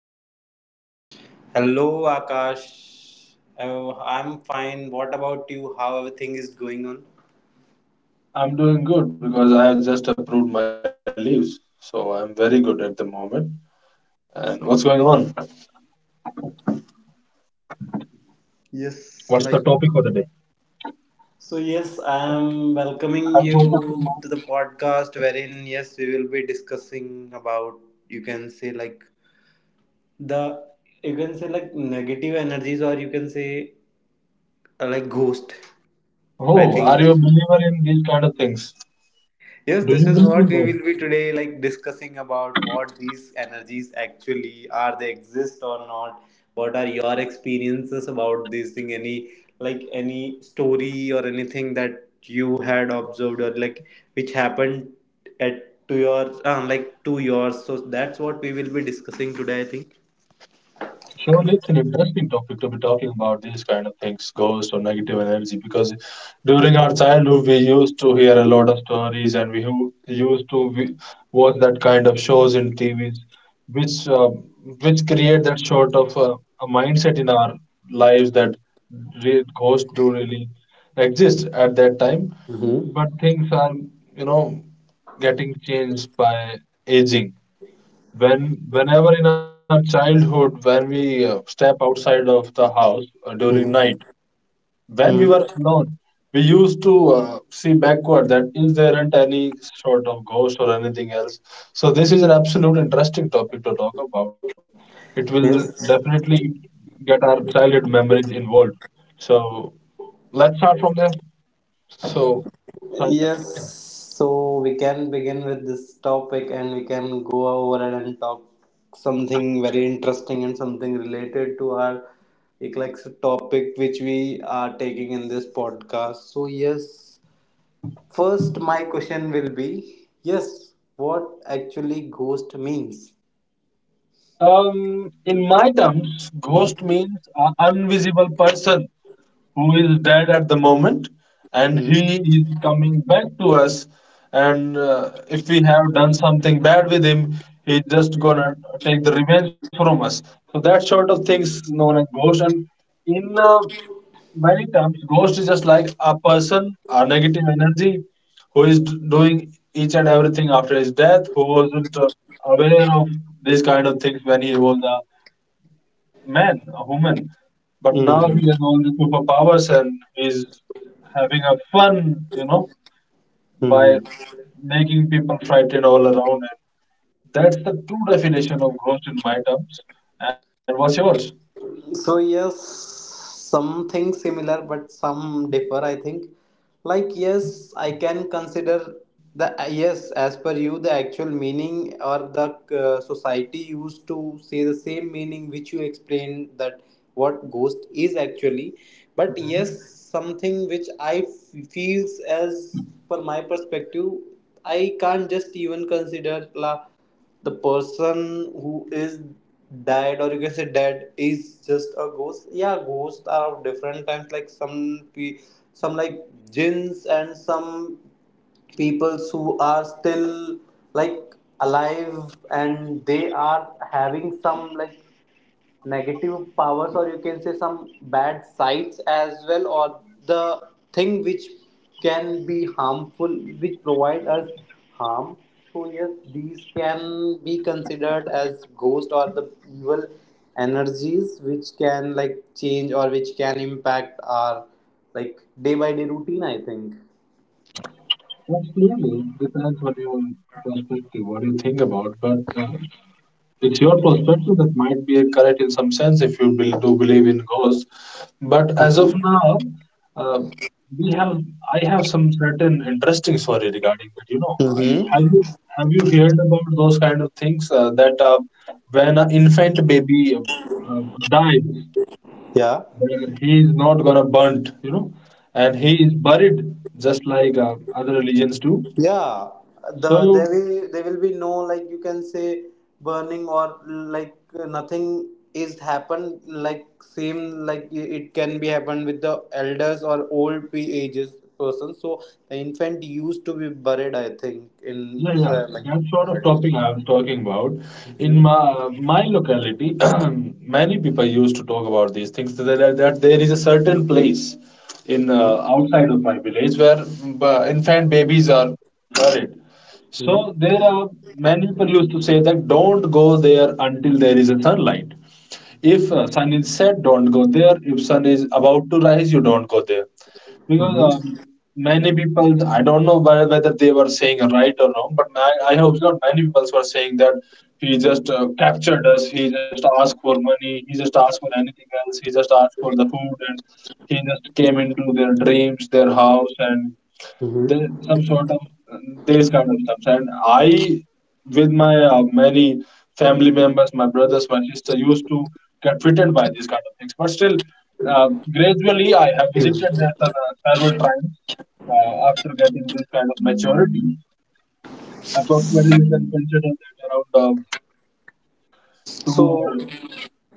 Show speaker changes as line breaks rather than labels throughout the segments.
the podcast.
Hello, Akash. Oh, I'm fine. What about you? How everything is going on?
I'm doing good because I have just approved my leaves. So I'm very good at the moment. And what's going on?
Yes,
What's
like.
the topic for the day?
So yes, I'm welcoming
I'm so
you to the
sorry.
podcast wherein yes, we will be discussing about, you can say, like the, you can say, like negative energies, or you can say, like ghost. I
Oh,
think.
are you a believer in these kind of things?
Yes, this
Do
is
you
what
believe
we
in
will
God?
be today like discussing about what these energies actually are, they exist or not. What are your experiences about this thing? Any like any story or anything that you had observed, or like which happened at to your, like to yours. So that's what we will be discussing today, I think.
Surely it's an interesting topic to be talking about these kind of things, ghosts or negative energy, because during our childhood we used to hear a lot of stories and we used to watch that kind of shows in T V's, which uh, which create that sort of a mindset in our lives that ghosts do really exist at that time, but
Mm-hmm.
things are you know getting changed by aging whenever in our childhood when we step outside of the house during night when we were
Hmm.
alone we used to see backward, that is there aren't any sort of ghost or anything else. So this is an absolute interesting topic to talk about. It will
Yes.
definitely get our childhood memories involved, so let's start from there. So Sanjay,
Yes, so we can begin with this topic and we can go over it and talk something very interesting and something related to our eclectic topic which we are taking in this podcast. So, yes, first, my question will be yes, what actually ghost means?
in my terms
Hmm.
ghost means an invisible person who is dead at the moment, and
Hmm.
he is coming back to us. And if we have done something bad with him, he's just gonna take the revenge from us. So that sort of things known as ghost. And in many terms, ghost is just like a person, a negative energy who is doing each and everything after his death, who wasn't aware of these kind of things when he was a man, a woman. But now
Hmm.
he has all the superpowers and he's having a fun, you know, by
Hmm.
making people frightened all around. And that's the true definition of ghost in my terms. And what's yours?
So yes, something similar, but some differ. I think, like yes, I can consider the yes as per you the actual meaning, or the, society used to say the same meaning which you explained, that what ghost is actually. But yes,
Mhm.
something which I feels as per my perspective, I can't just even consider la the person who is died, or you can say dead, is just a ghost. Yeah, ghosts are of different types, like some some like jinns, and some peoples who are still like alive, and they are having some like negative powers, or you can say some bad sides as well, or the thing which can be harmful, which provide us harm. So yes, these can be considered as ghost, or the evil energies which can like change or which can impact our like day by day routine. I think.
Absolutely, it depends on your perspective, what you think about. But it's your perspective that might be correct in some sense if you do believe in ghosts. But as of
Mm-hmm.
now, uh, we have I have some certain interesting story regarding that. You know, I- have
Mm-hmm.
you have you heard about those kind of things that when an infant baby dies,
Yeah,
then he is not gonna burnt, you know, and he is buried just like other religions do.
yeah,
So
there will be no, like, you can say, burning or like nothing is happened. Like same like it can be happened with the elders or old ages person. So the infant used to be buried, I think, in,
yeah, yeah,
like
that sort of
mud.
topic I was talking about. In
Mhm.
my locality, many people used to talk about these things. That there is a certain place in
Mhm.
outside of my village where infant babies are buried.
Mhm.
So there are many people used to say that don't go there until there is a sunlight. If sun is set, don't go there. If sun is about to rise, you don't go there because
Mhm.
many people, I don't know whether they were saying right or wrong, but I hope not, many people were saying that he just captured us, he just asked for money, he just asked for anything else, he just asked for the food, and he just came into their dreams, their house, and
Mhm.
there some sort of these kind of stuff. With my many family members, my brothers, my sister, used to get fitted by these kind of things. But still, uh, gradually, I have visited
Mhm.
there several times after getting this kind of maturity. Approximately, you can consider that around two
So.
or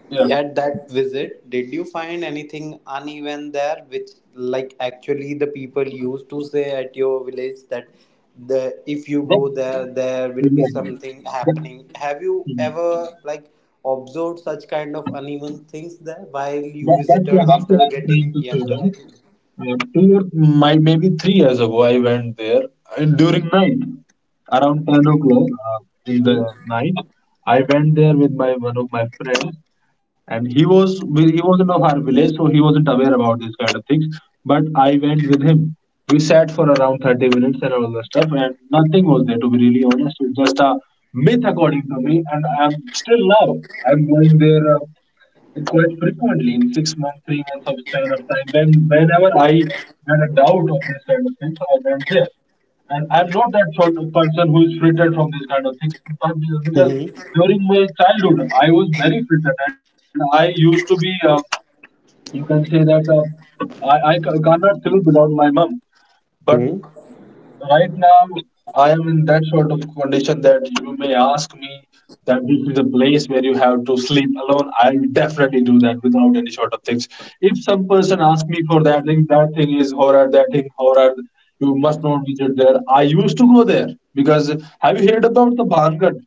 yeah.
At that visit, did you find anything uneven there, which like actually the people used to say at your village, that the if you
that
go there, there will be
exactly.
something
That,
happening. Have you
Mhm.
ever like observed such kind of uneven things there while you
that, that's
visited
what that's
after
what I'm trying
getting
to say
younger? I
now.
think.
Two or my maybe 3 years ago, I went there and during night, around 10 o'clock in the night. I went there with my one of my friends, and he wasn't of our village, so he wasn't aware about these kind of things. But I went with him. We sat for around 30 minutes and all that stuff, and nothing was there. To be really honest, it's just a myth according to me, and I'm still now. I'm going there. Quite frequently in 6 months, 3 months of span of time. Whenever I had a doubt of these kind of things, I went there. And I'm not that sort of person who is frittered from these kind of things, but because
Hmm.
during my childhood I was very frittered, and I used to be, you can say that I cannot sleep without my mom. But
Hmm.
right now, I am in that sort of condition that you may ask me that this is a place where you have to sleep alone. I'll definitely do that without any sort of things. If some person asks me for that thing is horror, that thing horror. You must not visit there. I used to go there because have you heard about the Bhangat?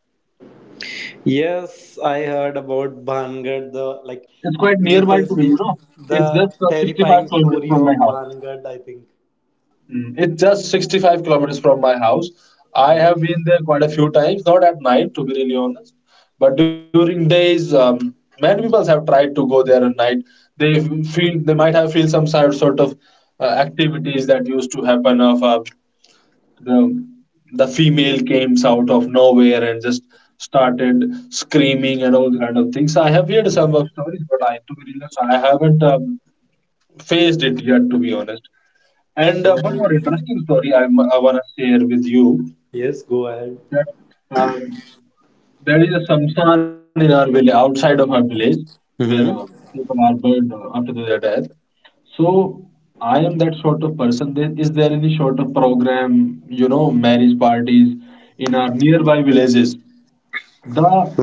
Yes, I heard about Bhangar, the like,
It's quite
you
nearby
can
to me.
say,
You know, it's
the
just 65
terrifying
kilometers
story
from my
of
house.
Bhangar. I think.
It's just 65 kilometers from my house. I have been there quite a few times, not at night, to be really honest, but during days. Many people have tried to go there at night. They feel they might have feel some sort of activities that used to happen of the the female came out of nowhere and just started screaming and all kind of things. I have heard some of stories, but I, to be really honest, I haven't faced it yet, to be honest. And
So
one more interesting story I, I want to share with you,
yes, go ahead.
that um, there is a samsan in our village, outside of our village, where
Mm-hmm.
people are buried after their death. So I am that sort of person. There, is there any sort of program, you know, marriage parties in our nearby villages?
Mm-hmm.
The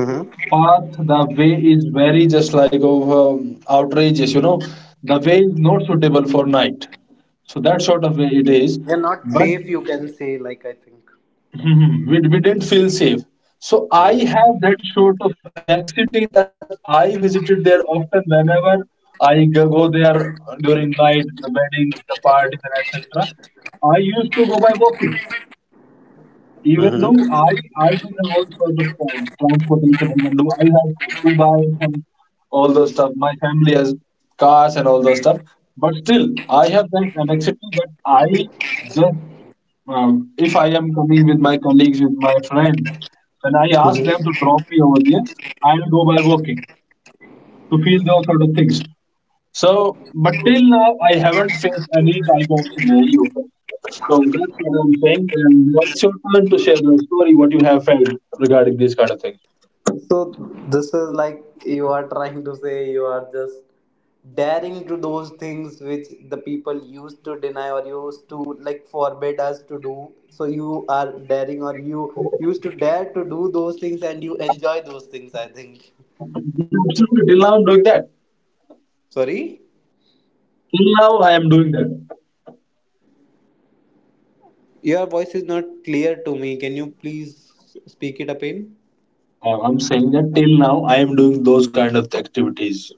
path, the way is very just like of outrageous, you know. The way is not suitable for night. So that sort of way it is.
They're not
But
safe, you can say. Like I think.
mhm, we didn't feel safe. So I
Mm-hmm.
have that sort of anxiety that I visited there often whenever I go there during night, the weddings, the parties, and etc. I used to go by walking. Even though I, I do have all sorts of transportation, even though I have to buy some all those stuff, my family has cars and all those stuff, but still I have that annexity that I just if I am coming with my colleagues, with my friends, when I ask them to
Mm-hmm.
drop me over there, I will go by walking to feel those sort of things. So, but till now, I haven't faced any type of scenario. So that's what I'm saying. And now it's your turn to share your story, what you have felt regarding these kind of things.
So this is like you are trying to say you are just daring to those things which the people used to deny, or used to like forbid us to do. So you are daring or you used to dare to do those things and you enjoy those things, I think.
Absolutely. Till now, I'm doing that.
Sorry?
Till now, I am doing that.
Your voice is not clear to me. Can you please speak it up in?
I'm saying that till now, I am doing those kind of activities.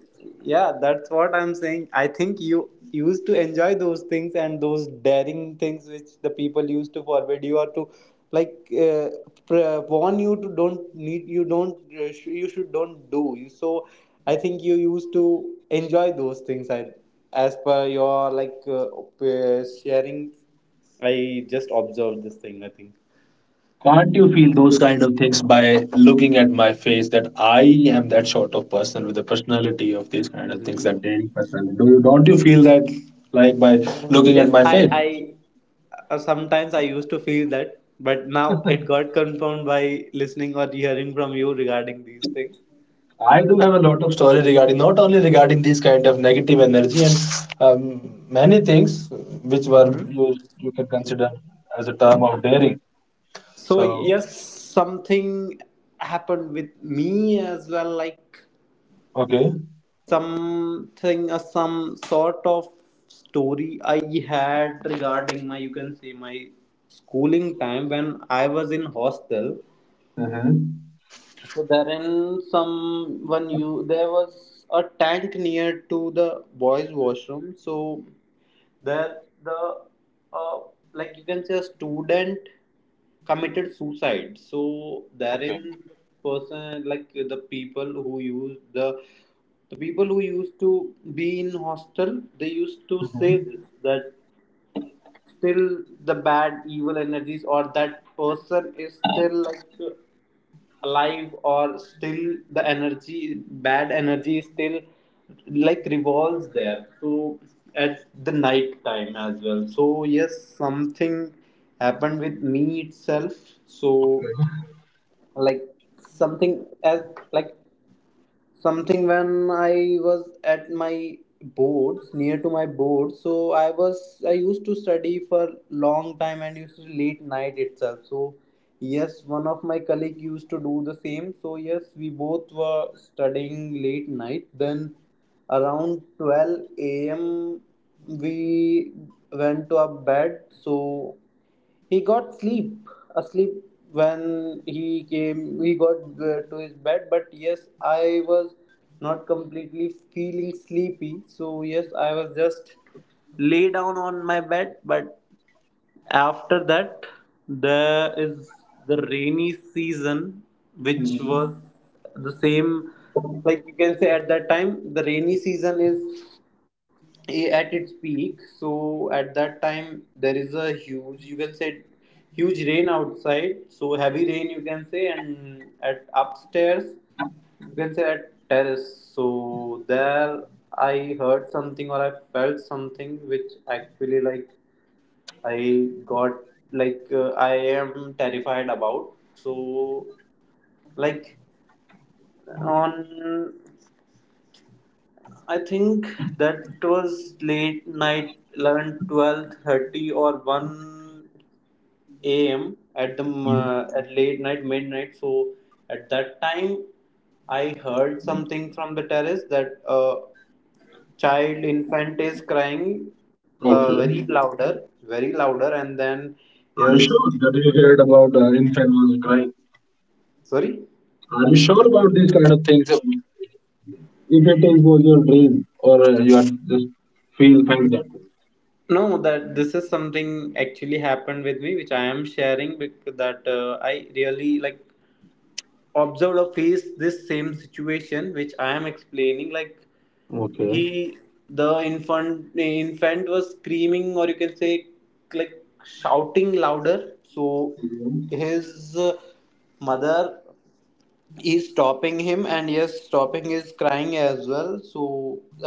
Yeah, that's what I'm saying. I think you used to enjoy those things, and those daring things which the people used to forbid you, or to like, uh, warn you to don't need you don't you should don't do. You so I think you used to enjoy those things. I as per your like, sharing, I just observed this thing. I
Can't you feel those kind of things by looking at my face, that I am that sort of person with the personality of these kind of things, that
think.
daring personality? Don't you feel that like by looking at
Yes,
my face?
I sometimes I used to feel that, but now it got confirmed by listening or hearing from you regarding these things.
I do have a lot of story regarding, not only regarding these kind of negative energy and many things which
Hmm.
you can consider as a term of daring.
So
So
yes, something happened with me as well, like
okay.
something, some sort of story I had regarding my, you can say, my schooling time when I was in hostel.
Mm-hmm.
So then someone you there was a tank near to the boys' washroom. So there the, uh, like, you can say, a student committed suicide. So
Okay.
therein person, like the people who used to be in hostel, they used to say
Mm-hmm.
this, that still the bad evil energies or that person is still like alive, or still the energy bad energy is still like revolves there. So at the night time as well. So yes, something happened with me itself. So like something as like something when I was at my boards, near to my board. So I was, I used to study for long time and used to late night itself. So yes, one of my colleague used to do the same. So yes, we both were studying late night. Then around 12 a.m we went to our bed. So he got sleep asleep when he came, he got to his bed. But yes, I was not completely feeling sleepy. So yes, I was just lay down on my bed. But after that, there is the rainy season, which
Mm-hmm.
was the same. Like you can say at that time, the rainy season is at its peak. So at that time, there is a huge, you can say, huge rain outside. So heavy rain, you can say, and at upstairs, you can say, at terrace. So there I heard something or I felt something which actually like I got like, I am terrified about. So like on, I think that was late night, 11, 12, 30, or 1 a.m. at the at late night, midnight. So at that time, I heard something from the terrace that a child infant is crying
Okay.
very louder, and then
Are you
yes,
sure that you heard about infant was crying?
sorry.
Are you sure about these kind of things? If it is was your dream or you are just feel find that.
No, that this is something actually happened with me, which I am sharing, because that I really like observer face, this same situation which I am explaining, like
Okay.
he the infant was screaming, or you can say like shouting louder. So
Mhm.
his, mother he's stopping him, and yes, stopping is crying as well. So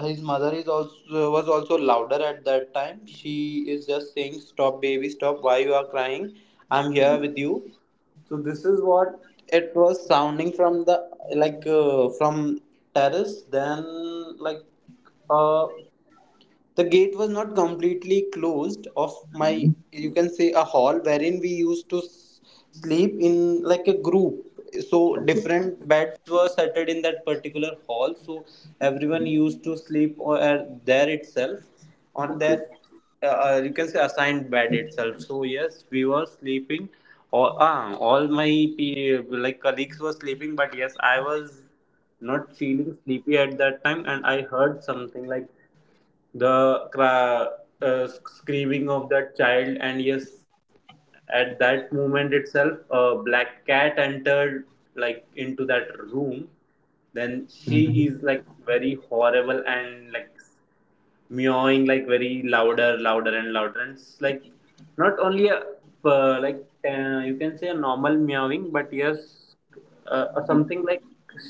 his mother is also was also louder at that time. She is just saying stop baby stop why you are crying, I'm here with you. So this is what it was sounding from the like, from terrace. Then like a the gate was not completely closed off my, you can say, a hall wherein we used to sleep in like a group. So different beds were settled in that particular hall. So everyone used to sleep, or there itself on their, you can say assigned bed itself. So yes, we were sleeping all my pe like colleagues were sleeping. But yes, I was not feeling sleepy at that time, and I heard something like the screaming of that child. And yes, at that moment itself, a black cat entered like into that room. Then
Hmm.
she is like very horrible, and like meowing like very louder, louder and louder. And it's like not only a, like, you can say, a normal meowing. But yes, something like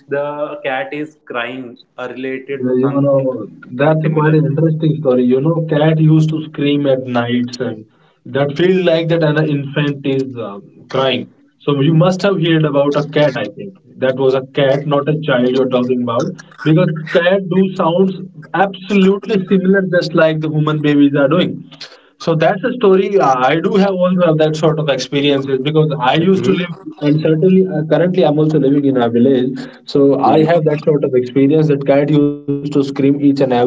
the cat is crying, related to
You
some
know,
something
that's quite
similar.
an interesting story. You know, cat used to scream at nights and that feel like that an infant is crying. So you must have heard about a cat, I think. That was a cat, not a child you're talking about. Because cat do sounds absolutely similar just like the human babies are doing. So that's a story. I do have also have that sort of experiences because I used to
Mhm.
live, and certainly currently I'm also living in a village. So I have
Mhm.
that sort of experience that cat used to scream each and every night.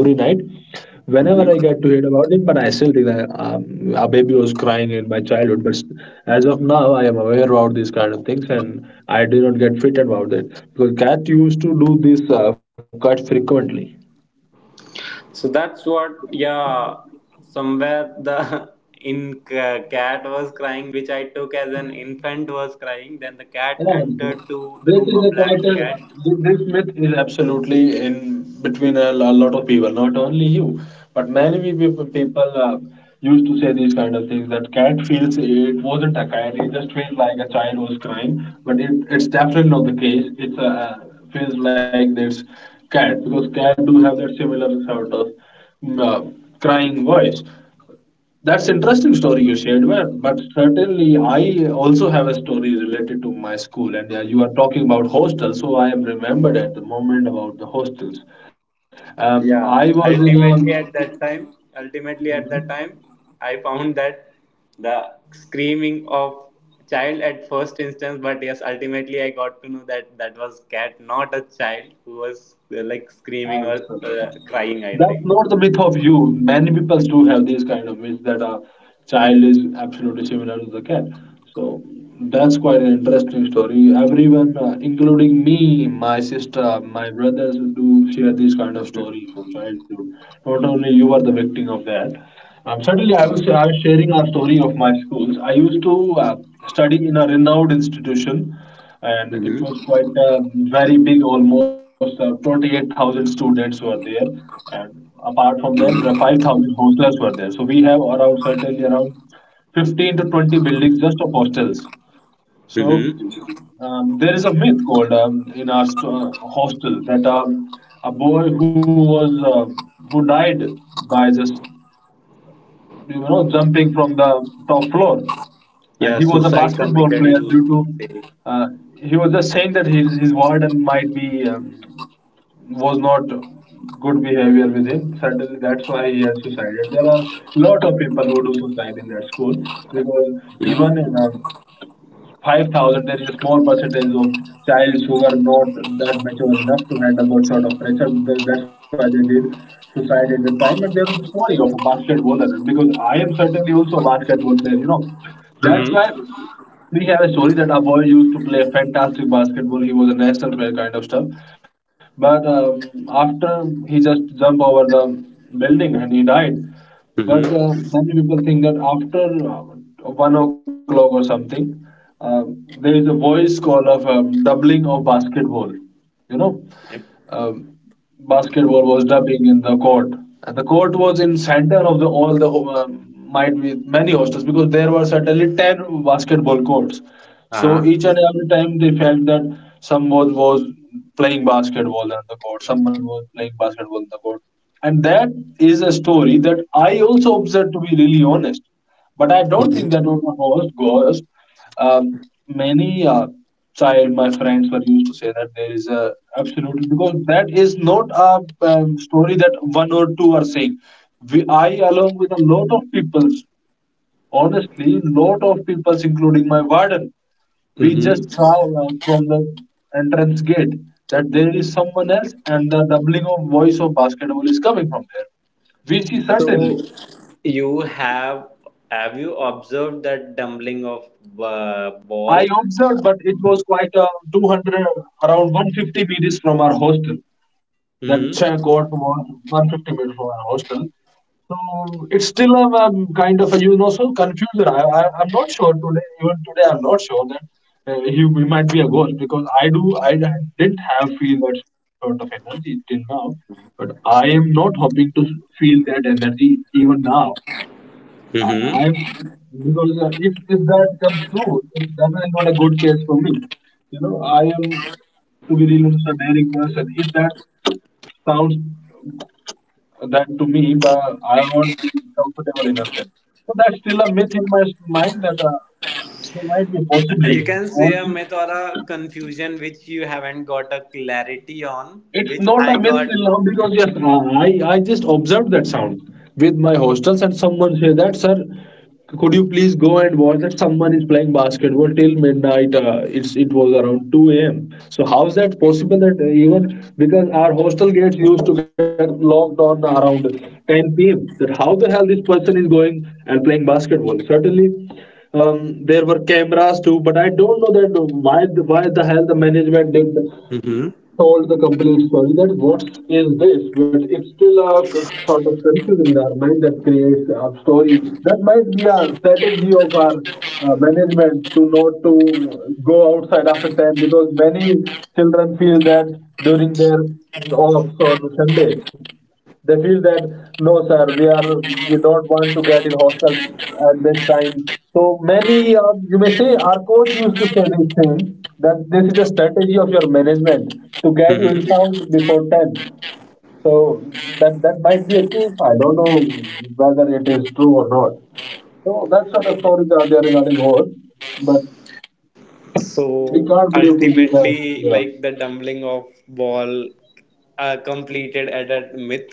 Whenever I get
Mhm.
to hear about it, but I still think that a baby was crying in my childhood. But as of now, I am aware about these kind of things, and I do not get fitted about it because cat used to do this quite frequently.
So that's what, yeah, somewhere the in cat was crying, which I took as an infant was crying. Then the cat
Yeah,
entered to the room, a black cat.
this myth is absolutely in between a lot of people, not only you, but many people used to say these kind of things that cat feels it wasn't a cat, it just feels like a child was crying, but it's definitely not the case. It's a feels like this cat because cat do have that similar sort of mm, uh, crying voice. That's interesting story you shared, well, but certainly I also have a story related to my school, and you are talking about hostels, so I am remembered at the moment about the hostels. I was
Yeah,
in a.
ultimately at that time, I found that the screaming of child at first instance, but yes, ultimately I got to know that that was cat, not a child who was like screaming or
Absolutely.
crying.
That's
I
not
think.
the myth of you. Many people do have these kind of myths that a child is absolutely similar to the cat. So that's quite an interesting story. Everyone, including me, my sister, my brothers, do share these kind of stories from childhood. Not only you are the victim of that. Certainly, I was
Mhm.
sharing a story of my schools. I used to study in a renowned institution, and it was
Mhm.
quite very big, almost 28,000 students were there, and apart from that, the
Mhm.
5,000 hostlers were there, so we have around, certainly around, 15 to 20 buildings just of hostels. So
Mhm.
there is a myth called in our hostel that a boy who was who died by just jumping from the top floor. And he was
Yeah,
a
suicide
basketball player
committed
due
you
to,
think say.
uh, he was just saying that his warden might be, was not good behavior with him. Certainly that's why he has suicided. There are lot of people who do suicide in that school because even
Mhm.
in, 5,000, there is a small percentage of childs who were not that mature enough to handle that sort of pressure. That's why they did suicide at the time. And there was a story of a basketballer because I am certainly also a basketball player. That's why
Mhm.
we have a story that our boy used to play fantastic basketball. He was a national player kind of stuff. But after he just jumped over the building, and he died.
Mhm.
But many people think that after 1 o'clock or something, uh, there is a voice call of doubling of basketball. You know,
Yep.
basketball was dubbing in the court. And the court was in center of the all the might be many hostels because there were certainly ten basketball courts. So
Uh-huh.
each and every time they felt that someone was playing basketball on the court, someone was playing basketball on the court, and that is a story that I also observed, to be really honest. But I don't think that was a host ghost. Many child, my friends were used to say that there is a absolutely because that is not a story that one or two are saying. We, I, along with a lot of people, honestly, lot of people, including my warden, we just saw
Mm-hmm.
from the entrance gate that there is someone else, and the doubling of voice of basketball is coming from there. We see
So
certainly.
you have you observed that dumpling of,
I
ball?
observed, but it was quite 200, around 150 meters from our hostel. That check got
Mm-hmm.
was 150 meters from our hostel. So it's still a kind of a so confusion. I'm not sure today. Even today, I'm not sure that he we might be a ghost because I didn't have feel that sort of energy till now. But I am not hoping to feel that energy even now. I'm
Mm-hmm.
because if that comes true, it's definitely not a good case for me. I am to be real, honest, a daring person. If that sounds that to me, but I won't be comfortable enough then. So that's still a myth in my mind that there might be a
You
possibility.
can say a
Only.
myth or a confusion which you haven't got a clarity on,
It's
which
not
I
a myth
got.
till now because yes, I just observed that sound with my hostels, and someone said that sir, could you please go and watch that someone is playing basketball till midnight. It was around 2 a.m. So how is that possible that even because our hostel gets used to get locked on around 10 p.m.? That how the hell this person is going and playing basketball? Certainly, there were cameras too, but I don't know that why the hell the management did
Mm-hmm.
told the complete story that what is this, but it's still a sort of confusion in our mind that creates a story. That might be a strategy of our management to not to go outside after 10 because many children feel that during their walks on Sunday. They feel that no, sir, we don't want to get in hostel at this time. So many, you may say, our coach used to say this thing that this is a strategy of your management to get you in sound before ten. So that might be a key. I don't know whether it is true or not. So that sort of stories are there regarding horse, but we
So
can't believe till we have.
ultimately,
Yeah.
like the tumbling of ball completed at a myth,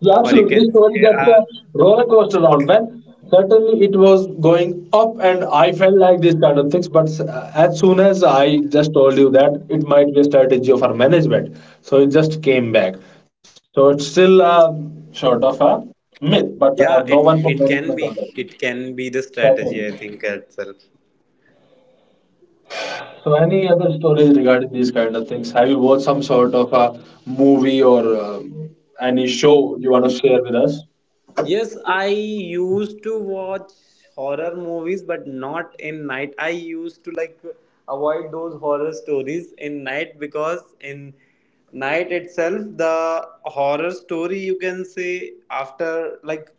Yeah,
or you
absolutely.
can
This story,
say,
that's a roller coaster round, man. Certainly, it was going up, and I felt like these kind of things. But as soon as I just told you that it might be a strategy of our management, so it just came back. So it's still sort of a myth, but no
yeah,
one
it
from
it
management
can
on
be,
that.
it can be the strategy.
Certainly.
I think itself.
So, any other stories regarding these kind of things? Have you watched some sort of a movie or any show you want to share with us?
Yes, I used to watch horror movies, but not in night. I used to like avoid those horror stories in night, because in night itself the horror story, you can say, after like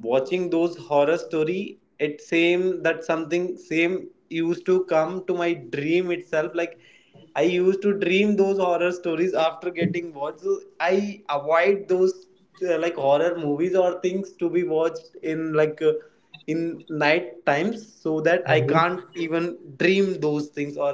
watching those horror story, it same that something same used to come to my dream itself, like I used to dream those horror stories after getting watched. So I avoid those, like horror movies or things to be watched in like, in night times, so that I can't even dream those things, or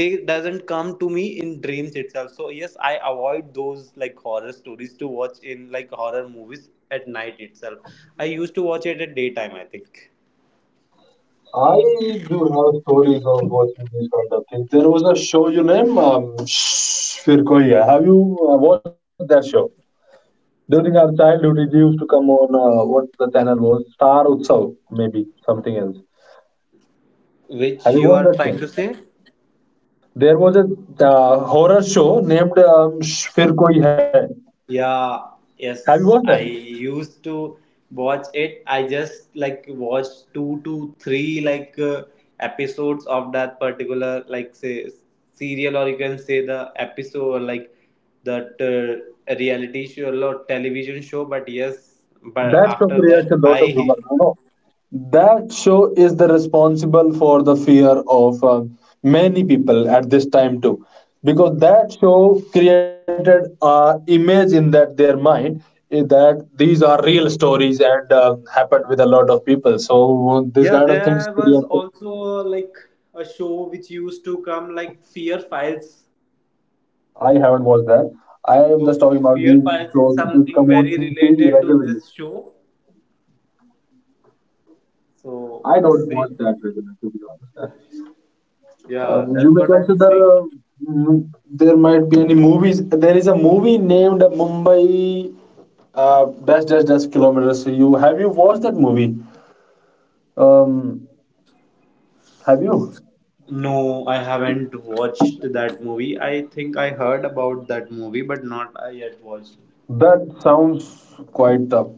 they doesn't come to me in dreams itself. So yes, I avoid those like horror stories to watch in like horror movies at night itself. I used to watch it at daytime, I think.
I do have stories of watching these kind of things. There was a show, you name, Shh, Fir Koi Hai. Have you watched that show? During our childhood, it used to come on what the channel was, Star Utsav, maybe something else. Have
Which
you
you
watched
are
that show?
trying to say.
There was a horror show named Shh, Fir Koi Hai.
Yeah,
Have you watched
yes.
that?
I used to watch it. I just like watched two to three like episodes of that particular like say serial or you can say the episode like that reality show or television show. But yes, but
That show
after
creates
that
a lot of humor,
I
you know. That show is the responsible for the fear of many people at this time too, because that show created a image in that their mind that these are real stories, and happened with a lot of people. So these
yeah
kind of things
there was
create.
also like a show which used to come like Fear Files.
I haven't watched that. I am
So
just talking about
Fear
these
Files is
shows which
something
come on
very
TV
related to
regularly.
this show. So
I
the
don't watch
same,
that regularly, to be honest.
yeah,
You
that's
may
what I'm
consider
saying.
there might be any movies. There is a movie named Mumbai dash dash dash kilometers. So you have you watched that movie? Um, have you?
No, I haven't watched that movie. I think I heard about that movie, but not I yet watched.
That sounds quite tough.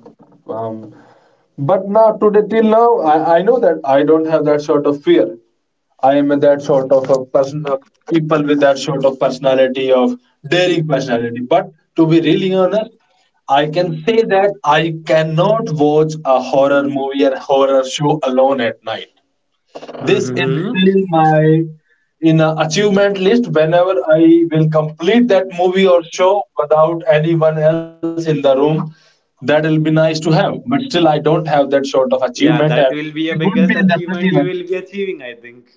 Um, but now today till now, I know that I don't have that sort of fear. I am that sort of a person, a people with that sort of personality of daring personality. But to be really honest, I can say that I cannot watch a horror movie or horror show alone at night. This is
Mm-hmm.
still my in a achievement list whenever I will complete that movie or show without anyone else in the room. That'll be nice to have, but still I don't have that sort of achievement,
Yeah,
and
that will
it
be a
would be
biggest
definitely
achievement
nice.
you will be achieving, I think.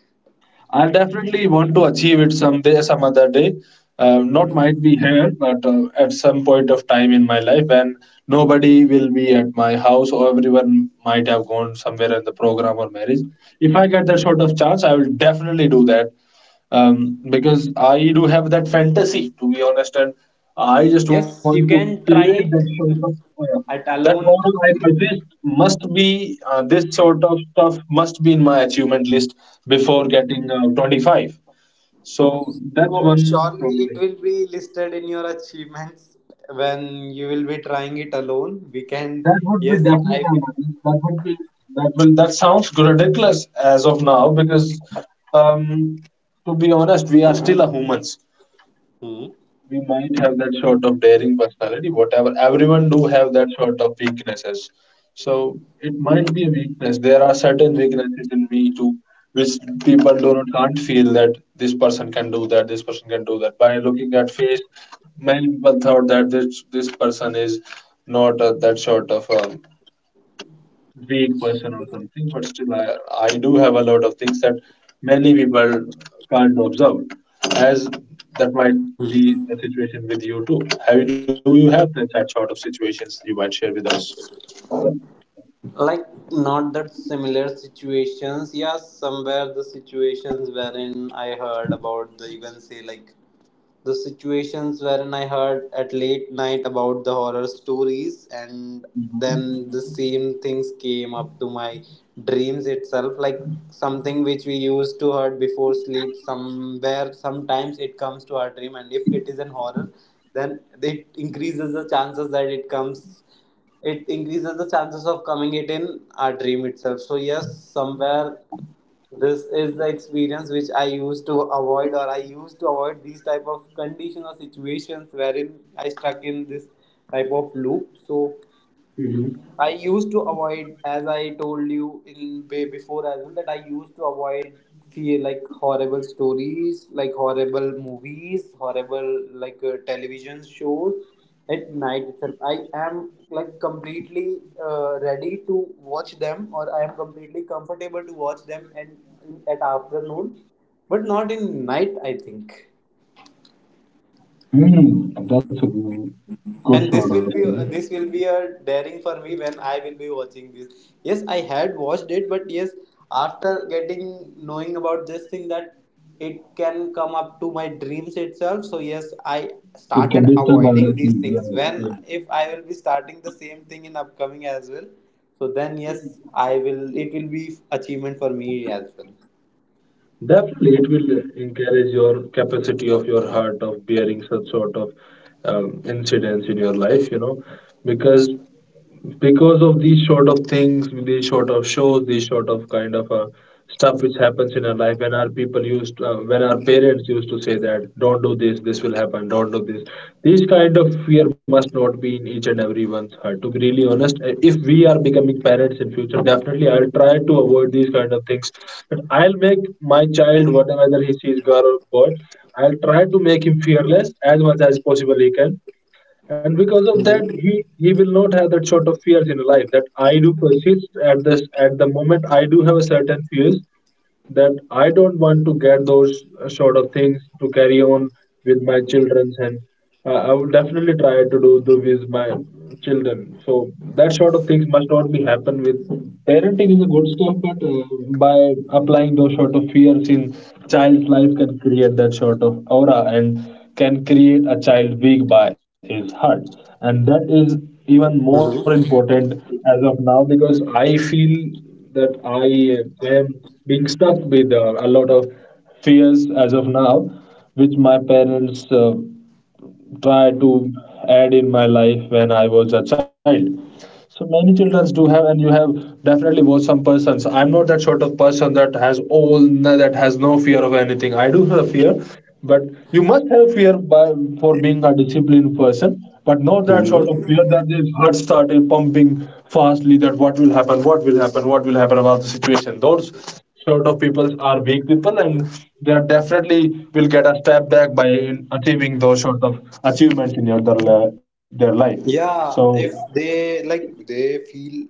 I definitely want to achieve it someday, some other day. Not
Mm-hmm.
might be here, but at some point of time in my life when nobody will be at my house or everyone might have gone somewhere in the program or marriage. If I get that sort of chance, I will definitely do that because I do have that fantasy, to be honest, and I just want to
Yes, you can
create
try
that
it
sort of
at
that model
alone.
I purchased must be this sort of stuff must be in my achievement list before getting 25. So that's
So
one
surely
strong
it
thing.
will be listed in your achievements when you will be trying it alone. We can,
That would be
yes, I
definitely that would be that will that sounds ridiculous as of now because um, to be honest, we are still a humans.
will.
We might have that sort of daring personality whatever everyone do have that sort of weaknesses, so it might be a weakness. There are certain weaknesses in me too, which people do not can't feel that this person can do that, this person can do that by looking at face. Many people thought that this person is not that sort of vague person or something, but still I do have a lot of things that many people can't observe, as that might be the situation with you too. Have you, do you have that sort of situations you might share with us?
Like not that similar situations, yeah, somewhere the situations wherein I heard about the you can say like the situations wherein I heard at late night about the horror stories, and then the same things came up to my dreams itself, like something which we used to heard before sleep. Somewhere, sometimes it comes to our dream, and if it is an horror, then it increases the chances that it comes. It increases the chances of coming it in our dream itself. So yes, somewhere this is the experience which I used to avoid, or I used to avoid these type of condition or situations wherein I stuck in this type of loop. So
Mhm.
I used to avoid, as I told you in way before as well, that I used to avoid fear like horrible stories, like horrible movies, horrible like television shows at night itself. I am like completely ready to watch them, or I am completely comfortable to watch them and in, at afternoon, but not in night, I think.
Hmm, that's a good
And
sort of
this will be,
thing.
this will be a daring for me when I will be watching this. Yes, I had watched it, but yes, after getting knowing about this thing that it can come up to my dreams itself. So yes, I
It can
started
be still bad
avoiding
at
these
least, yeah,
things. When
yeah.
if I will be starting the same thing in upcoming as well, so then yes, I will. It will be achievement for me as well.
Definitely, it will encourage your capacity of your heart of bearing such sort of incidents in your life, because because of these sort of things, these sort of shows, these sort of kind of stuff which happens in our life, when our people used, when our parents used to say that, don't do this, this will happen, don't do this. These kind of fear must not be in each and everyone's heart. To be really honest, if we are becoming parents in future, definitely I'll try to avoid these kind of things. But I'll make my child, whatever whether he sees girl or boy, I'll try to make him fearless as much as possible he can, and because of that, he will not have that sort of fears in life that I do persist at this at the moment. I do have a certain fears that I don't want to get those sort of things to carry on with my children, and I will definitely try to do with my children. So that sort of things must not be happen with parenting is a good stuff, but by applying those sort of fears in child's life can create that sort of aura and can create a child weak by his heart, and that is even more
Mhm.
important as of now because I feel that I am being stuck with a lot of fears as of now, which my parents tried to add in my life when I was a child. So many children do have, and you have definitely watched some persons. I'm not that sort of person that has all that has no fear of anything. I do have fear, but you must have fear by for being a disciplined person, but not that sort of
Mhm.
fear that the heart started pumping fastly. That what will happen, what will happen, what will happen about the situation. Those sort of people are weak people, and they are definitely will get a step back by achieving those sort of achievements in your their life. So,
Yeah, if they like they feel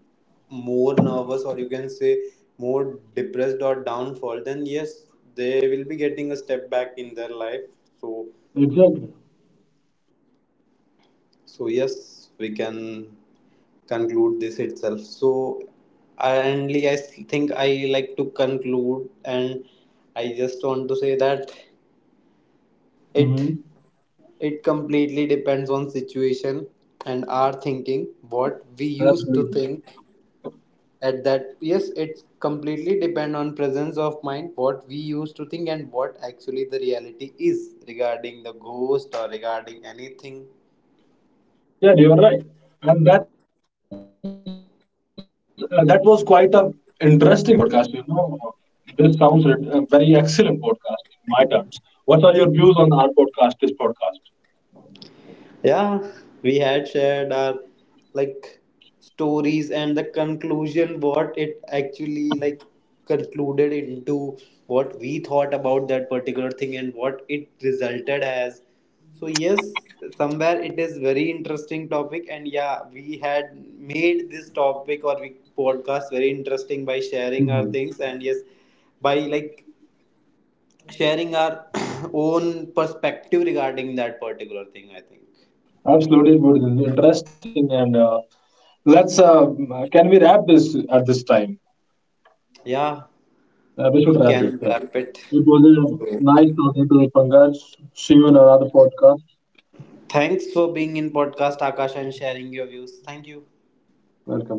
more nervous or you can say more depressed or downfall, then yes, they will be getting a step back in their life. So
exactly.
so yes, we can conclude this itself. So and I think I like to conclude, and I just want to say that it
Hmm.
it completely depends on situation and our thinking what we used to
Absolutely.
think at that. Yes, it's completely depend on presence of mind, what we used to think and what actually the reality is regarding the ghost or regarding anything.
Yeah, you are right. And that was quite a interesting podcast. This sounds very excellent podcast in my terms. What are your views on our podcast? This podcast.
Yeah, we had shared our like stories and the conclusion what it actually like concluded into, what we thought about that particular thing and what it resulted as. So yes, somewhere it is very interesting topic, and yeah, we had made this topic or we podcast very interesting by sharing our
Mhm.
things, and yes, by like sharing our own perspective regarding that particular thing, I think.
Absolutely beautiful, interesting, and let's. Can we wrap this at this time?
Yeah.
We should
We
wrap this.
can
Yeah.
wrap it.
It was a nice talking to you, Pankaj. See you in another podcast.
Thanks for being in podcast, Akash, and sharing your views. Thank you.
Welcome.